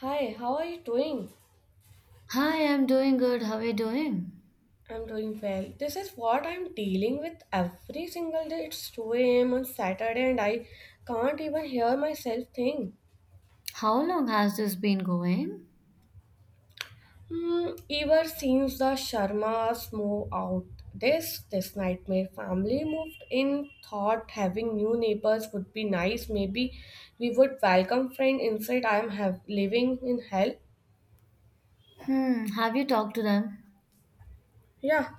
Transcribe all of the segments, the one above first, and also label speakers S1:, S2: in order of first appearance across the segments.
S1: Hi, how are you doing?
S2: Hi, I'm doing good. How are you doing?
S1: I'm doing well. This is what I'm dealing with every single day. It's 2 a.m. on Saturday and I can't even hear myself think.
S2: How long has this been going?
S1: Hmm, ever since the Sharmas moved out, this nightmare family moved in, thought having new neighbors would be nice. Maybe we would welcome friend. Instead, I am have living in hell.
S2: Hmm, have you talked to them?
S1: Yeah.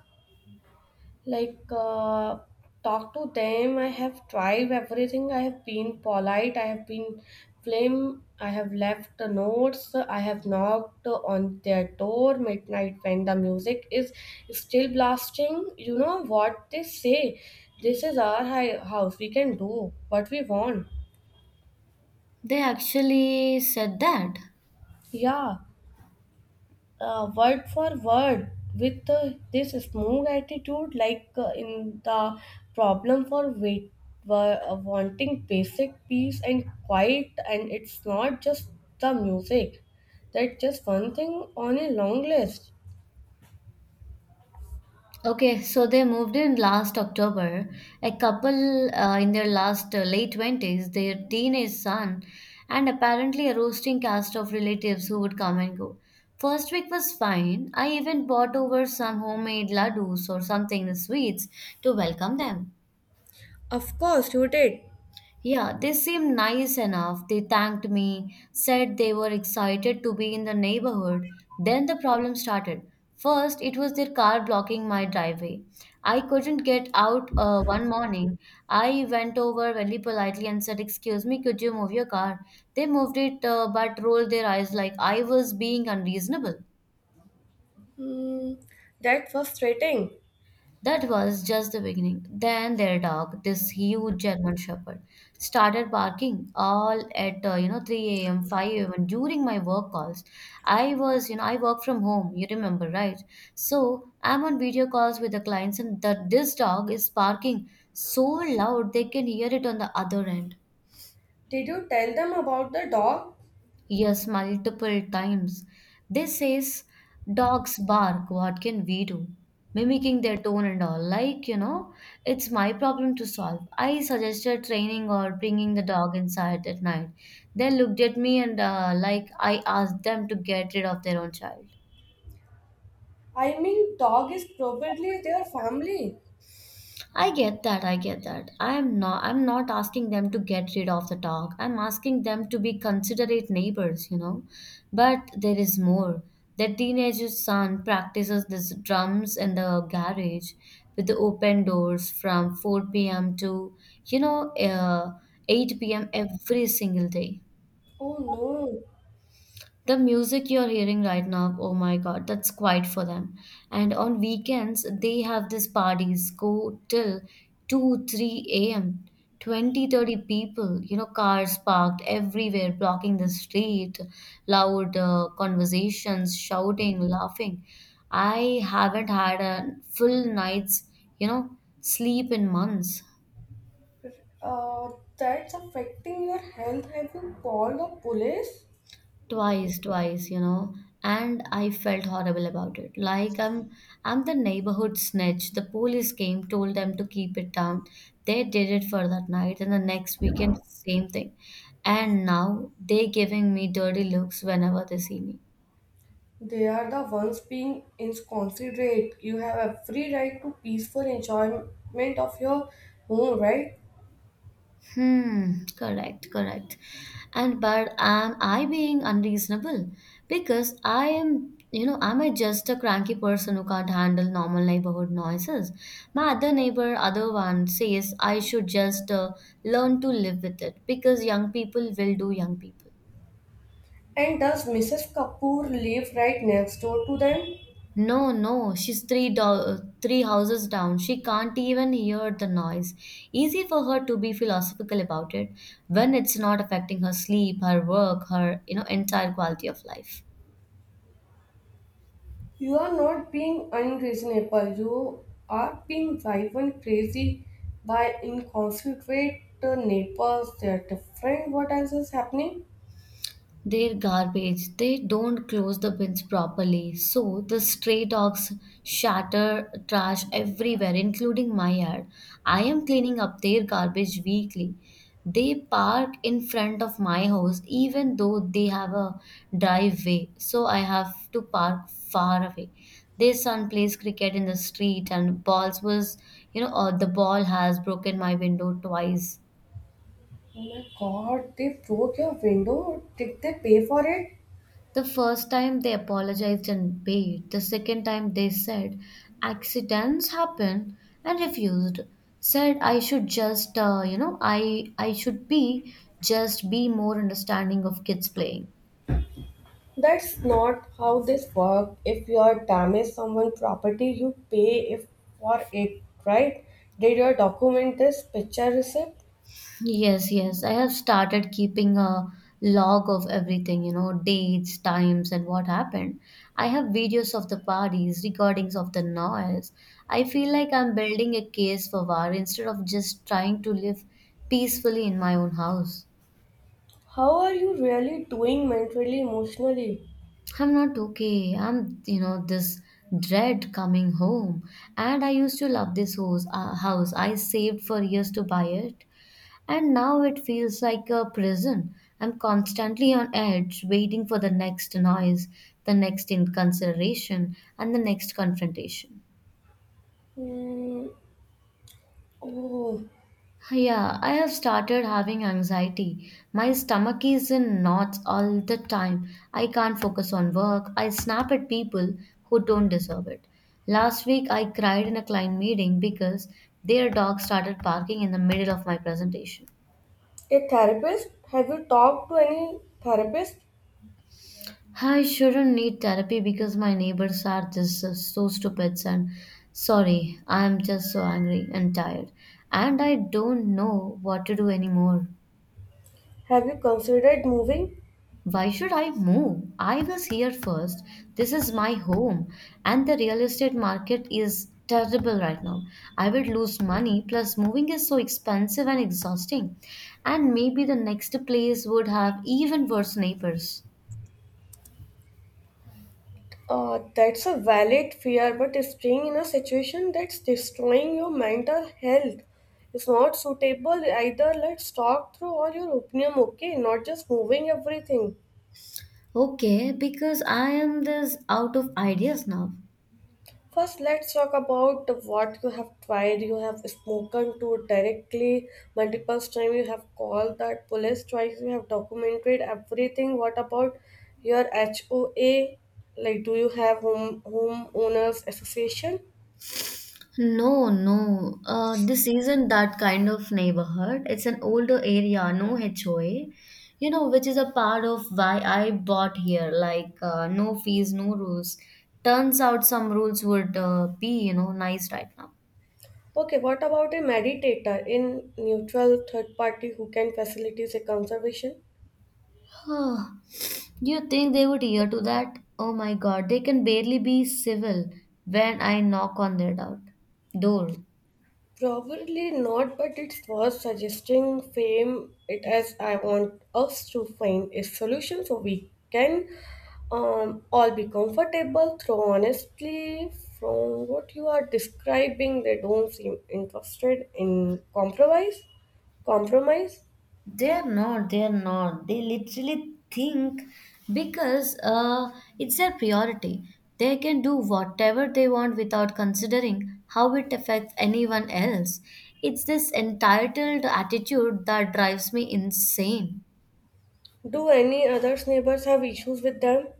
S1: Like, talk to them, I have tried everything, I have been polite, I have been flame, I have left the notes, I have knocked on their door midnight when the music is still blasting. You know what they say? This is our house, we can do what we want.
S2: They actually said that.
S1: Yeah, word for word, with this smooth attitude, like, in the problem for wanting basic peace and quiet. And it's not just the music, that's just one thing on a long list.
S2: Okay, so they moved in last October. A couple in their last late 20s, their teenage son, and apparently a roasting cast of relatives who would come and go. First week was fine. I even bought over some homemade laddus or something, sweets, to welcome them.
S1: Of course you did.
S2: Yeah, they seemed nice enough. They thanked me, said they were excited to be in the neighborhood. Then the problem started. First, it was their car blocking my driveway. I couldn't get out one morning. I went over very politely and said, Excuse me, could you move your car? They moved it, but rolled their eyes like I was being unreasonable.
S1: Hmm, that's frustrating.
S2: That was just the beginning. Then their dog, this huge German Shepherd, started barking all at 3 a.m., 5 a.m. and during my work calls. I was, you know, I work from home. You remember, right? So I'm on video calls with the clients, and that this dog is barking so loud they can hear it on the other end.
S1: Did you tell them about the dog?
S2: Yes, multiple times. This says, dogs bark, what can we do? Mimicking their tone and all. Like, you know, it's my problem to solve. I suggested training or bringing the dog inside at night. They looked at me and, like, I asked them to get rid of their own child.
S1: I mean, dog is probably their family.
S2: I get that. I get that. I'm not asking them to get rid of the dog. I'm asking them to be considerate neighbors, you know. But there is more. Their teenager's son practices this drums in the garage with the open doors from 4 p.m. to, you know, uh, 8 p.m. every single day.
S1: Oh no.
S2: The music you're hearing right now, oh my God, that's quite for them. And on weekends, they have these parties go till 2, 3 a.m. 20, 30 people, you know, cars parked everywhere, blocking the street, loud conversations, shouting, laughing. I haven't had a full night's, you know, sleep in months.
S1: Uh, that's affecting your health. Have you called the police?
S2: Twice, and I felt horrible about it. Like I'm the neighborhood snitch. The police came, told them to keep it down. They did it for that night, and the next weekend same thing. And now they giving me dirty looks whenever they see me.
S1: They are the ones being inconsiderate. You have every right to peaceful enjoyment of your home, right?
S2: Hmm, correct, correct. And but am I being unreasonable? Because I am, you know, am I just a cranky person who can't handle normal neighborhood noises? My other neighbor, other one says I should just learn to live with it because young people will do young people.
S1: And does Mrs. Kapoor live right next door to them?
S2: No, no, she's three houses down. She can't even hear the noise. Easy for her to be philosophical about it when it's not affecting her sleep, her work, her, you know, entire quality of life.
S1: You are not being unreasonable. You are being driven and crazy by inconsiderate neighbors. They are different. What else is happening?
S2: Their garbage. They don't close the bins properly, so the stray dogs shatter trash everywhere, including my yard. I am cleaning up their garbage weekly. They park in front of my house even though they have a driveway, so I have to park far away. Their son plays cricket in the street, and balls was, you know, the ball has broken my window twice.
S1: Oh my god, they broke your window? Did they pay for it?
S2: The first time they apologized and paid. The second time they said accidents happen and refused. Said I should just you know I should be just be more understanding of kids playing.
S1: That's not how this works. If you are damage someone's property, you pay if for it, right? Did you document this picture receipt?
S2: Yes, yes. I have started keeping a log of everything, you know, dates, times, and what happened. I have videos of the parties, recordings of the noise. I feel like I'm building a case for war instead of just trying to live peacefully in my own house.
S1: How are you really doing mentally, emotionally?
S2: I'm not okay. I'm, you know, this dread coming home. And I used to love this house. I saved for years to buy it. And now it feels like a prison. I'm constantly on edge, waiting for the next noise, the next inconsideration, and the next confrontation.
S1: Hmm. Oh,
S2: Yeah, I have started having anxiety. My stomach is in knots all the time. I can't focus on work. I snap at people who don't deserve it. Last week, I cried in a client meeting because their dog started barking in the middle of my presentation.
S1: a therapist? Have you talked to any therapist?
S2: I shouldn't need therapy because my neighbors are just so stupid and sorry, I'm just so angry and tired. And I don't know what to do anymore.
S1: Have you considered moving?
S2: Why should I move? I was here first. This is my home. And the real estate market is terrible right now. I would lose money, plus, moving is so expensive and exhausting. And maybe the next place would have even worse neighbors.
S1: That's a valid fear, but staying in a situation that's destroying your mental health is not suitable either. Let's talk through all your opinion, okay? Not just moving everything.
S2: Okay, because I am this out of ideas now.
S1: First, let's talk about what you have tried. You have spoken to directly multiple times. You have called that police twice. You have documented everything. What about your HOA? Like, do you have homeowners association?
S2: No, no. This isn't that kind of neighborhood. It's an older area, no HOA. You know, which is a part of why I bought here. No fees, no rules. Turns out some rules would be, you know, nice right now.
S1: Okay, what about a meditator in neutral third party who can facilitate a conservation?
S2: You think they would hear to that? Oh my God, they can barely be civil when I knock on their door.
S1: Probably not, but it's worth suggesting fame it as I want us to find a solution so we can all be comfortable. Though honestly, from what you are describing, they don't seem interested in compromise. Compromise.
S2: They're not, they're not. They literally think because it's their priority. They can do whatever they want without considering how it affects anyone else. It's this entitled attitude that drives me insane.
S1: Do any others neighbors have issues with them?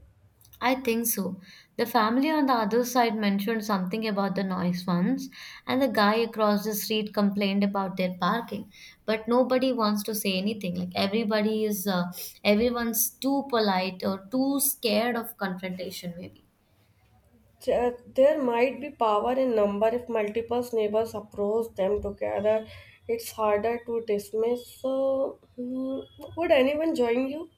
S2: I think so. The family on the other side mentioned something about the noise once, and the guy across the street complained about their parking. But nobody wants to say anything. Like everyone's too polite or too scared of confrontation, maybe.
S1: There might be power in number if multiple neighbors approach them together. It's harder to dismiss. So, hmm, would anyone join you?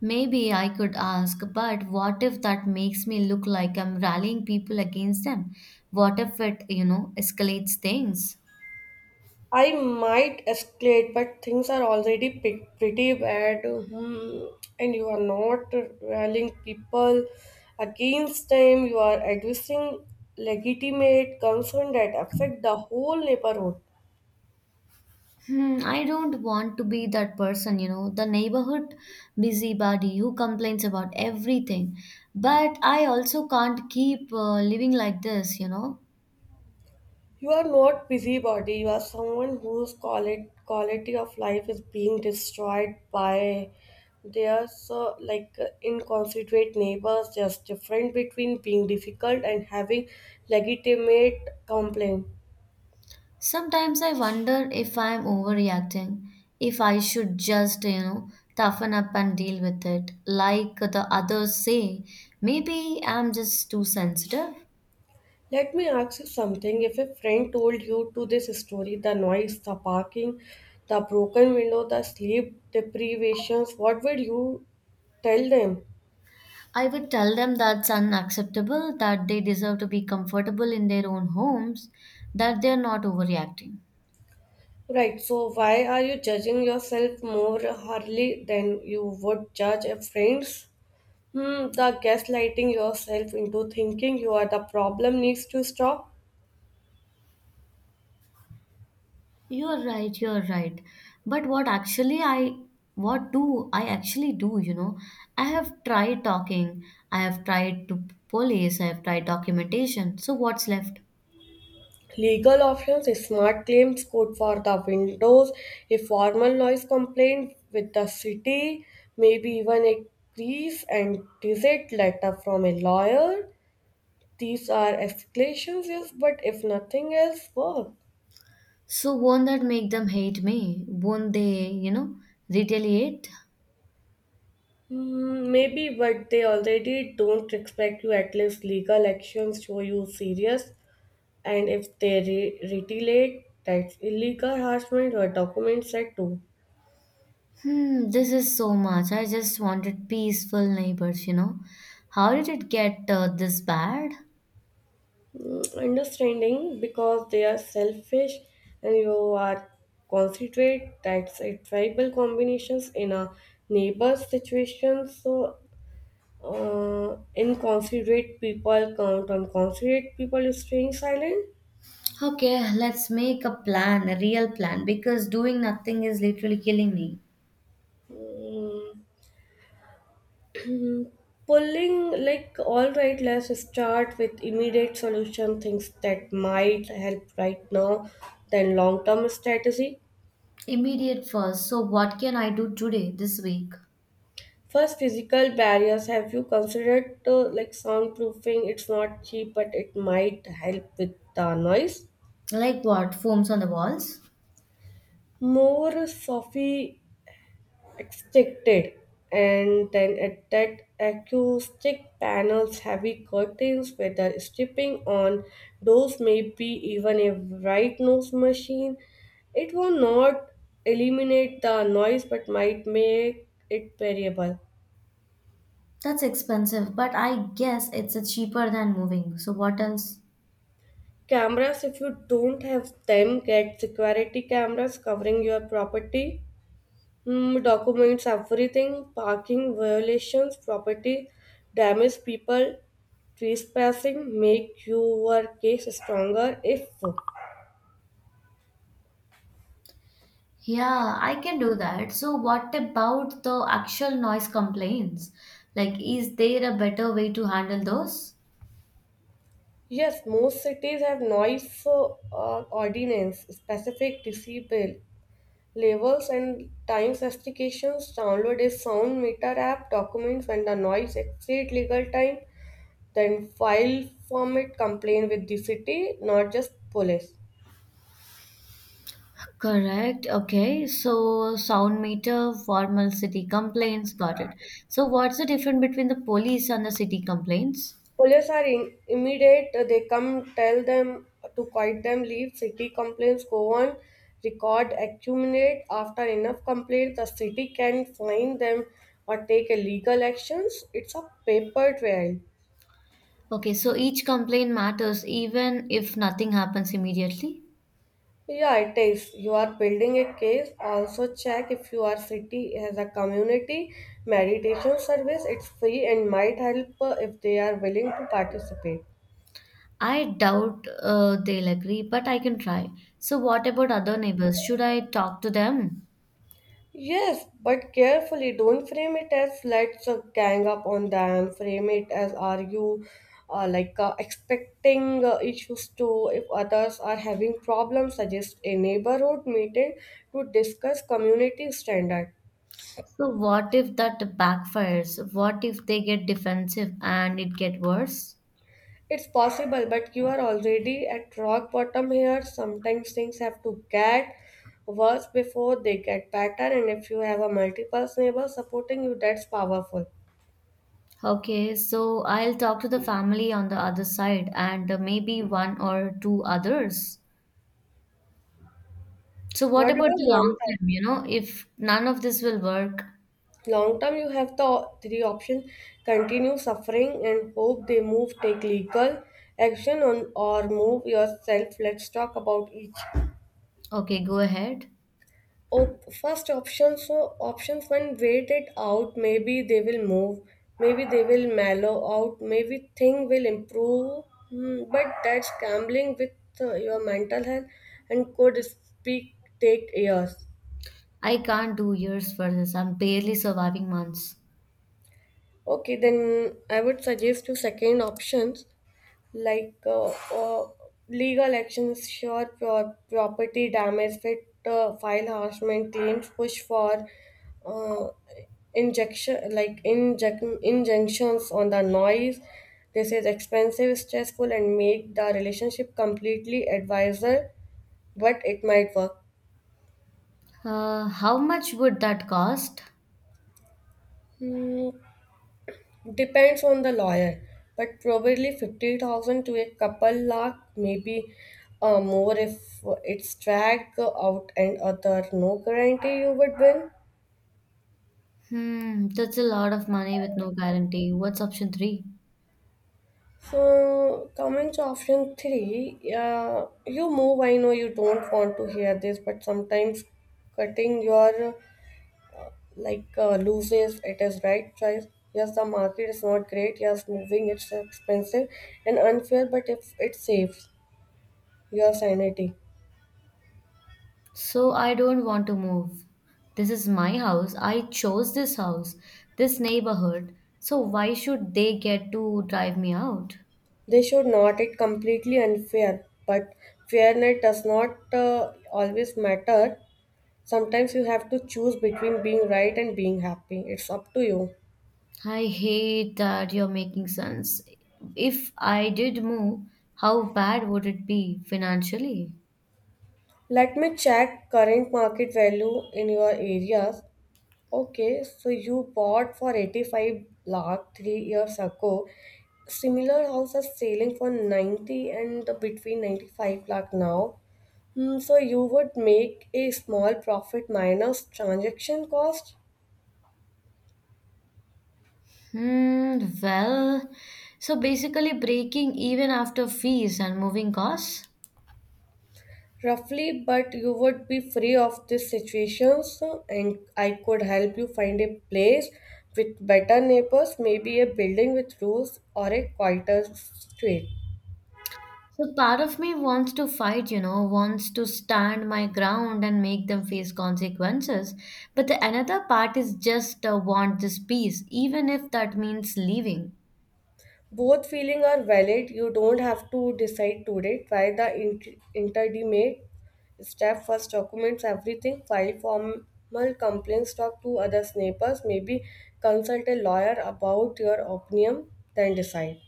S2: Maybe I could ask, but what if that makes me look like I'm rallying people against them? What if it, you know, escalates things?
S1: I might escalate, but things are already pretty bad, hmm, and you are not rallying people against them. You are addressing legitimate concern that affect the whole neighborhood.
S2: Hmm, I don't want to be that person, you know, the neighborhood busybody who complains about everything. But I also can't keep living like this, you know.
S1: You are not busybody. You are someone whose quality of life is being destroyed by their so, like, inconsiderate neighbors. There's difference between being difficult and having legitimate complaint.
S2: Sometimes I wonder if I'm overreacting, if I should just, you know, toughen up and deal with it. Like the others say, maybe I'm just too sensitive.
S1: Let me ask you something. If a friend told you to this story, the noise, the barking, the broken window, the sleep deprivations, what would you tell them?
S2: I would tell them that's unacceptable, that they deserve to be comfortable in their own homes, that they're not overreacting.
S1: Right, so why are you judging yourself more hardly than you would judge a friend's? Hmm, the gaslighting yourself into thinking you are the problem needs to stop.
S2: You're right, you're right. But what do I actually do, you know? I have tried talking, I have tried to police, I have tried documentation. So what's left?
S1: Legal options, smart claims, code for the windows, a formal noise complaint with the city, maybe even a brief and detailed letter from a lawyer. These are escalations, yes, but if nothing else works.
S2: So won't that make them hate me? Won't they, you know, retaliate?
S1: Mm, maybe, but they already don't respect you. At least legal actions show you serious, and if they retaliate, that's illegal harassment or document set to
S2: Hmm, this is so much. I just wanted peaceful neighbors, you know. How did it get this bad?
S1: mm, understanding because they are selfish and you are considerate. That's a tribal combinations in a neighbor situation. So, uh, inconsiderate people count on considerate people staying silent.
S2: Okay, let's make a plan, a real plan, because doing nothing is literally killing me.
S1: Hmm. Mhm. Pulling, like, all right, let's start with immediate solution, things that might help right now, then long term strategy.
S2: Immediate first. So, what can I do today, this week?
S1: First, physical barriers. Have you considered, like, soundproofing? It's not cheap, but it might help with the noise.
S2: Like what? Foams on the walls?
S1: More sophi expected, and then at that, acoustic panels, heavy curtains, weather stripping on doors, maybe even a right nose machine. It will not eliminate the noise, but might make it bearable.
S2: That's expensive, but I guess it's a cheaper than moving. So, what else?
S1: Cameras, if you don't have them, get security cameras covering your property. Mm, documents everything, parking violations, property damage, people trespassing, make your case stronger if
S2: Yeah, I can do that. So, what about the actual noise complaints? Like, is there a better way to handle those?
S1: yes. Most cities have noise, ordinance specific decibel levels and time specifications. Download a sound meter app, documents when the noise exceed legal time, then file format complaint with the city, not just police.
S2: Correct. Okay. So, sound meter, formal city complaints. Got it. So, what's the difference between the police and the city complaints?
S1: Police are in, immediate. They come, tell them to quiet them, leave. City complaints go on, record, accumulate. After enough complaints, the city can fine them or take a legal actions. It's a paper trail.
S2: Okay, so each complaint matters even if nothing happens immediately.
S1: Yeah, it is. You are building a case. Also check if your city has a community meditation service. It's free and might help if they are willing to participate.
S2: I doubt they'll agree, but I can try. So, what about other neighbors? Should I talk to them?
S1: Yes, but carefully. Don't frame it as let's, gang up on them. Frame it as are you, like, expecting, issues to if others are having problems, suggest a neighborhood meeting to discuss community standard.
S2: So, what if that backfires? What if they get defensive and it get worse?
S1: It's possible, but you are already at rock bottom here. Sometimes things have to get worse before they get better, and if you have a multiple neighbor supporting you, that's powerful.
S2: Okay, so I'll talk to the family on the other side and maybe one or two others. So,
S1: What
S2: what about
S1: about
S2: the long
S1: long term?
S2: term? You know, if none of this will work,
S1: Long term, you have the three options: continue suffering and hope they move, take legal action on, or move yourself. Let's talk about each.
S2: okay, go ahead.
S1: Oh, first option, so options when wait it out, maybe they will move, maybe they will mellow out, maybe thing will improve. Hmm, but that's gambling with your mental health, and could speak take years.
S2: I can't do years for this. I'm barely surviving months.
S1: Okay, then I would suggest you second options, like uh, uh, legal actions, sure, property damage, fit, file harassment claims, push for uh, injection, like injunctions on the noise. This is expensive, stressful, and make the relationship completely advisor, but it might work.
S2: How much would that cost?
S1: Hmm, depends on the lawyer, but probably 50,000 to a couple lakh, maybe more if it's dragged out and other. No guarantee you would win.
S2: Hmm, that's a lot of money with no guarantee. What's option three?
S1: So, coming to option three, yeah, you move. I know you don't want to hear this, but sometimes cutting your, loses it is right choice. Yes, the market is not great. Yes, moving it's expensive and unfair, but if it saves your sanity.
S2: So I don't want to move. This is my house. I chose this house, this neighborhood. So why should they get to drive me out?
S1: They should not. It completely unfair, but fairness does not always matter. Sometimes you have to choose between being right and being happy. It's up to you.
S2: I hate that you're making sense. If I did move, how bad would it be financially?
S1: Let me check current market value in your areas. Okay, so you bought for 85 lakh 3 years ago. Similar house is selling for 90 and between 95 lakh now. Hmm, so you would make a small profit minus transaction cost?
S2: Hmm, well, so basically breaking even after fees and moving costs.
S1: Roughly, but you would be free of these situations, and I could help you find a place with better neighbors, maybe a building with rules or a quieter street.
S2: So part of me wants to fight, you know, wants to stand my ground and make them face consequences. But the another part is just want this peace, even if that means leaving.
S1: Both feelings are valid. You don't have to decide today. Try the intermediate step first, documents everything, file formal complaints, talk to others neighbors, maybe consult a lawyer about your opinion, then decide.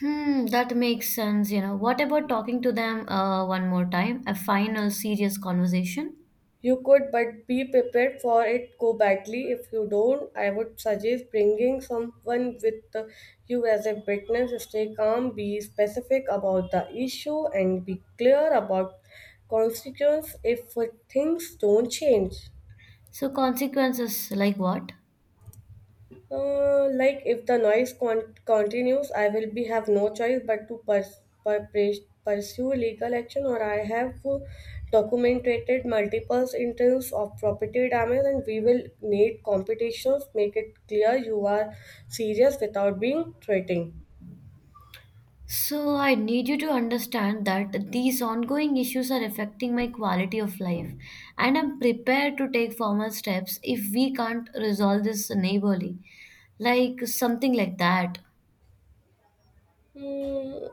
S2: Hmm, that makes sense, you know. What about talking to them one more time? A final serious conversation?
S1: You could, but be prepared for it go badly. If you don't, I would suggest bringing someone with you as a witness. Stay calm, be specific about the issue, and be clear about consequences if things don't change.
S2: So consequences like what?
S1: Like, if the noise continues, I will be have no choice but to pursue legal action, or I have documented multiple instances of property damage, and we will need competitions. Make it clear you are serious without being threatening.
S2: So, I need you to understand that these ongoing issues are affecting my quality of life, and I'm prepared to take formal steps if we can't resolve this neighborly. Like something like that.
S1: Hmm,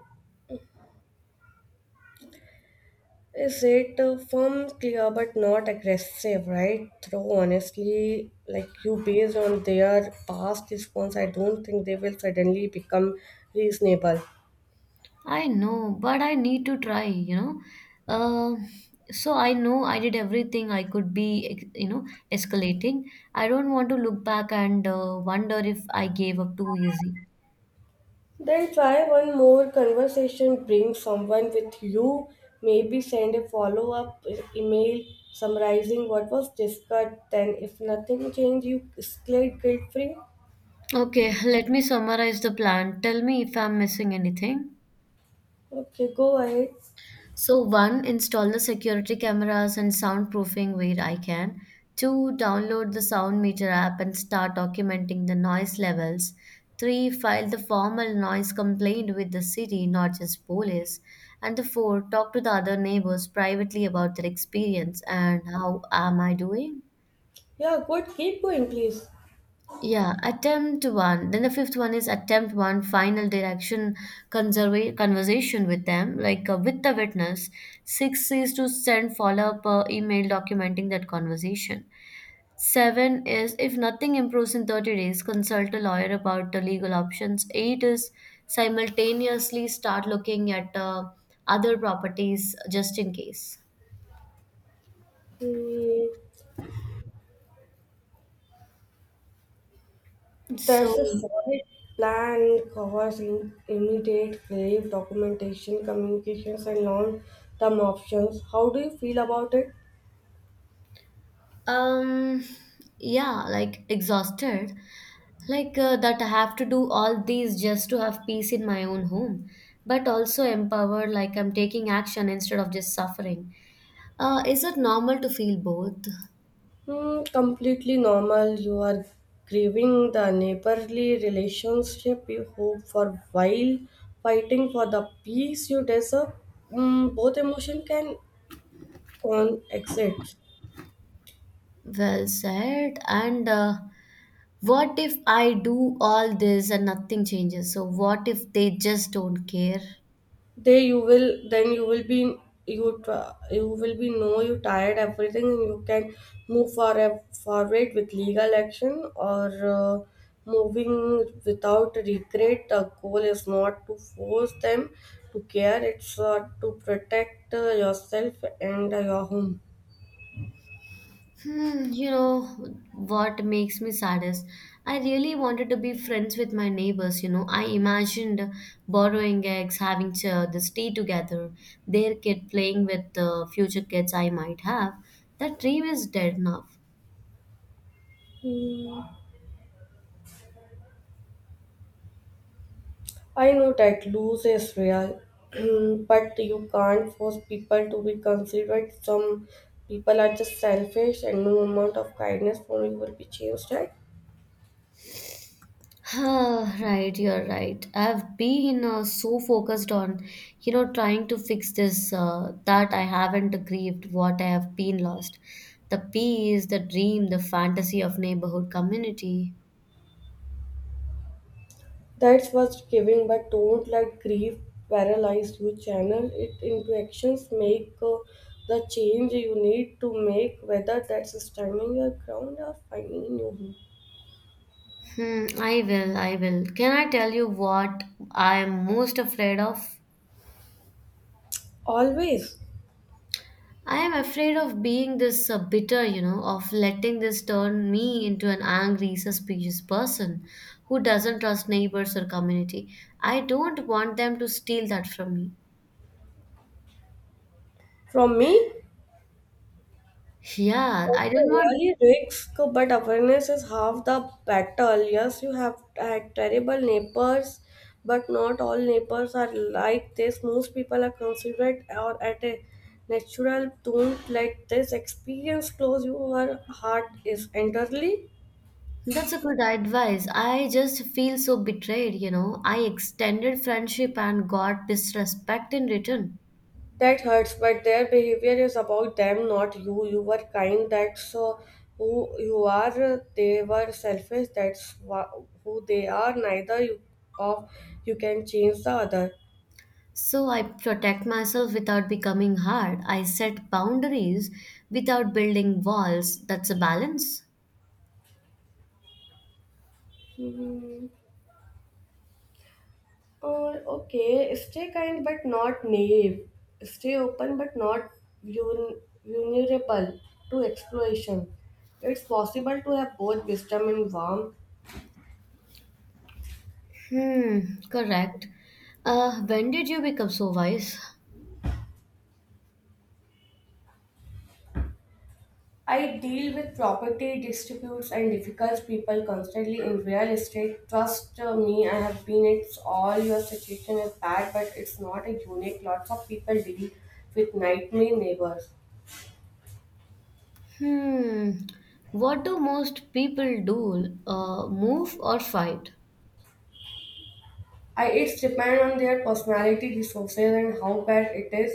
S1: is it firm, clear, but not aggressive, right? Though honestly, like you, based on their past response, I don't think they will suddenly become reasonable.
S2: I know, but I need to try, you know. Uh, so, I know I did everything I could be, you know, escalating. I don't want to look back and wonder if I gave up too easy.
S1: Then try one more conversation, bring someone with you, maybe send a follow up email summarizing what was discussed. Then, if nothing changed, you escalate guilt free.
S2: Okay, let me summarize the plan. Tell me if I'm missing anything.
S1: Okay, go ahead.
S2: So, one, install the security cameras and soundproofing where I can. Two, download the sound meter app and start documenting the noise levels. Three, file the formal noise complaint with the city, not just police. And the four, talk to the other neighbors privately about their experience and how am I doing?
S1: Yeah, good. Keep going, please.
S2: Yeah, attempt one. Then the fifth one is attempt one, final direction conversation with them, with the witness. Six is to send follow up email documenting that conversation. Seven is if nothing improves in 30 days, consult a lawyer about the legal options. Eight is simultaneously start looking at other properties just in case.
S1: Hmm.
S2: So,
S1: That's a solid plan, covers immediate grave documentation, communications, and long term options. How do you feel about it?
S2: um, yeah, like exhausted. Like that I have to do all these just to have peace in my own home, but also empowered, like I'm taking action instead of just suffering. Is it normal to feel both?
S1: Hmm, completely normal. You are grieving the neighborly relationship you hope for while fighting for the peace you deserve. Hmm, both emotion can coexist.
S2: Well said. And what if I do all this and nothing changes? So what if they just don't care?
S1: They you will then you will be you tr- You will be know you tired everything, and you can move for forward with legal action or uh, moving without regret. The goal is not to force them to care; it's to protect yourself and your home.
S2: Hmm, you know what makes me saddest? I really wanted to be friends with my neighbors. You know, I imagined borrowing eggs, having this tea together, their kid playing with the future kids I might have. That dream is dead now.
S1: Hmm. I know that lose is real, but you can't force people to be considerate. Some people are just selfish, and no amount of kindness from you will be changed that.
S2: Ah, right, you're right. I've been so focused on, trying to fix this that I haven't grieved what I have been lost. The peace, the dream, the fantasy of neighborhood community.
S1: That's what's giving, but don't let grief paralyze you. Channel it into actions. Make the change you need to make, whether that's standing your ground or finding new home.
S2: Hmm, I will, I will. Can I tell you what I am most afraid of?
S1: Always.
S2: I am afraid of being this bitter, you know, of letting this turn me into an angry, suspicious person who doesn't trust neighbors or community. I don't want them to steal that from me.
S1: From me,
S2: Yeah, I
S1: that's a
S2: don't want.
S1: really risk, but awareness is half the battle. Yes, you have had terrible neighbors, but not all neighbors are like this. Most people are considerate or at a natural. Don't let this experience close your heart is entirely.
S2: That's a good advice. I just feel so betrayed, you know. I extended friendship and got disrespect in return.
S1: That hurts, but their behavior is about them, not you. You were kind, that's who you are. They were selfish, that's who they are. Neither you, of you can change the other.
S2: So I protect myself without becoming hard. I set boundaries without building walls. That's a balance.
S1: Hmm. Oh, okay, stay kind but not naive. Stay open but not vul- vulnerable to exploration. It's possible to have both wisdom and warmth.
S2: Hmm, correct. When did you become so wise?
S1: I deal with property disputes and difficult people constantly in real estate. Trust me, I have been. It's all your situation is bad, but it's not a unique. Lots of people deal with nightmare neighbors.
S2: Hmm, what do most people do? Move or fight?
S1: I it's depend on their personality, resources, and how bad it is.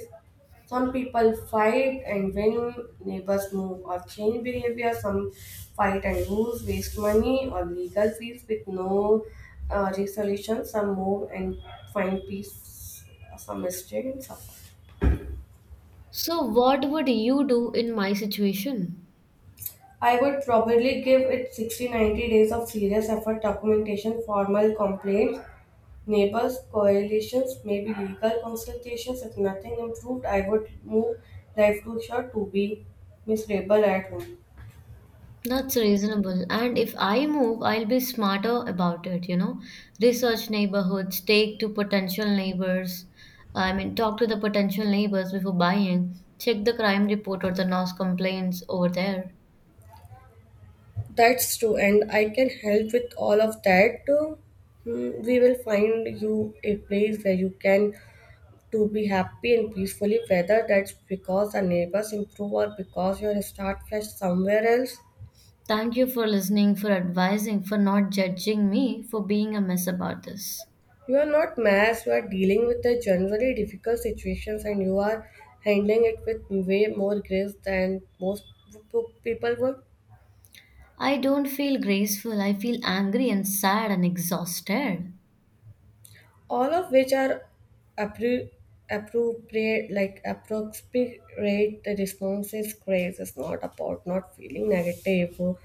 S1: Some people fight and win, neighbors move or change behavior. Some fight and lose, waste money or legal fees with no resolution. Some move and find peace. Some stay and suffer.
S2: So, what would you do in my situation?
S1: I would probably give it 60 to 90 days of serious effort, documentation, formal complaints, neighbors, coalitions, maybe legal consultations. If nothing improved, I would move life to short to be miserable at home.
S2: That's reasonable. And if I move, I'll be smarter about it, you know. Research neighborhoods, take to potential neighbors. I mean, talk to the potential neighbors before buying. Check the crime report or the noise complaints over there.
S1: That's true, and I can help with all of that. Hmm, we will find you a place where you can to be happy and peacefully, whether that's because the neighbors improve or because you start fresh somewhere else.
S2: Thank you for listening, for advising, for not judging me, for being a mess about this.
S1: You are not mass, you are dealing with a generally difficult situations and you are handling it with way more grace than most people would.
S2: I don't feel graceful. I feel angry and sad and exhausted.
S1: All of which are appro- appropriate, like appropriate the response is grace. It's not about not feeling negative or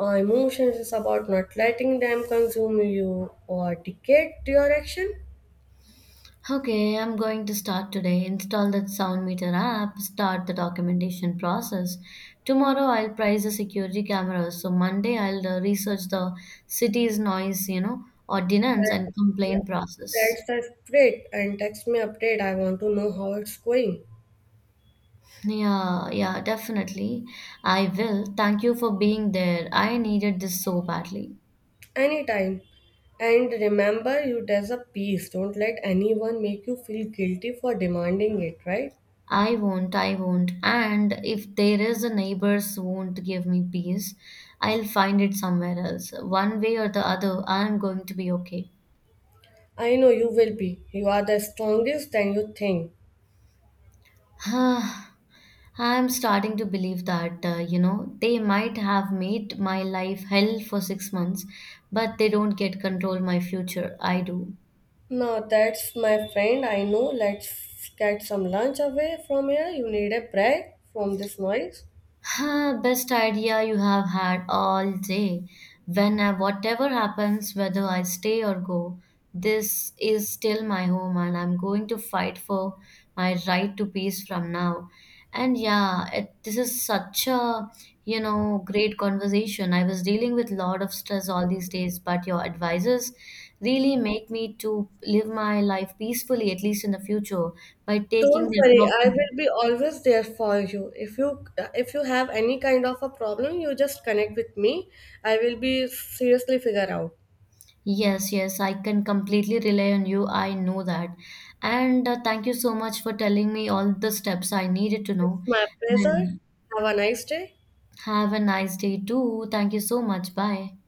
S1: emotions. It's about not letting them consume you or dictate your action.
S2: Okay, I'm going to start today. Install that sound meter app, start the documentation process. Tomorrow I'll price the security cameras. So Monday I'll research the city's noise, you know, ordinance
S1: That,
S2: and
S1: yeah,
S2: complaint process.
S1: that's the spirit. And text me update. I want to know how it's going.
S2: Yeah, yeah, definitely. I will. Thank you for being there. I needed this so badly.
S1: Anytime. And remember, you deserve peace. Don't let anyone make you feel guilty for demanding it, right?
S2: I won't, I won't. And if there is a neighbors won't give me peace, I'll find it somewhere else. One way or the other, I'm going to be okay.
S1: I know you will be. You are the strongest than you think.
S2: I'm starting to believe that, you know, they might have made my life hell for 6 months, but they don't get control my future. I do.
S1: Now, that's my friend. I know. Let's get some lunch away from here. You need a break from this noise.
S2: Huh, best idea you have had all day. Whatever happens, whether I stay or go, this is still my home, and I'm going to fight for my right to peace from now. And yeah, this is such a, you know, great conversation. I was dealing with a lot of stress all these days, but your advices really make me to live my life peacefully, at least in the future, by taking
S1: Don't
S2: the
S1: worry,
S2: proper.
S1: I will be always there for you. If you if you have any kind of a problem, you just connect with me. I will be seriously figure out.
S2: Yes, yes, I can completely rely on you. I know that. And thank you so much for telling me all the steps I needed to know.
S1: It's my pleasure.
S2: And
S1: Have a nice day.
S2: have a nice day too. Thank you so much. Bye.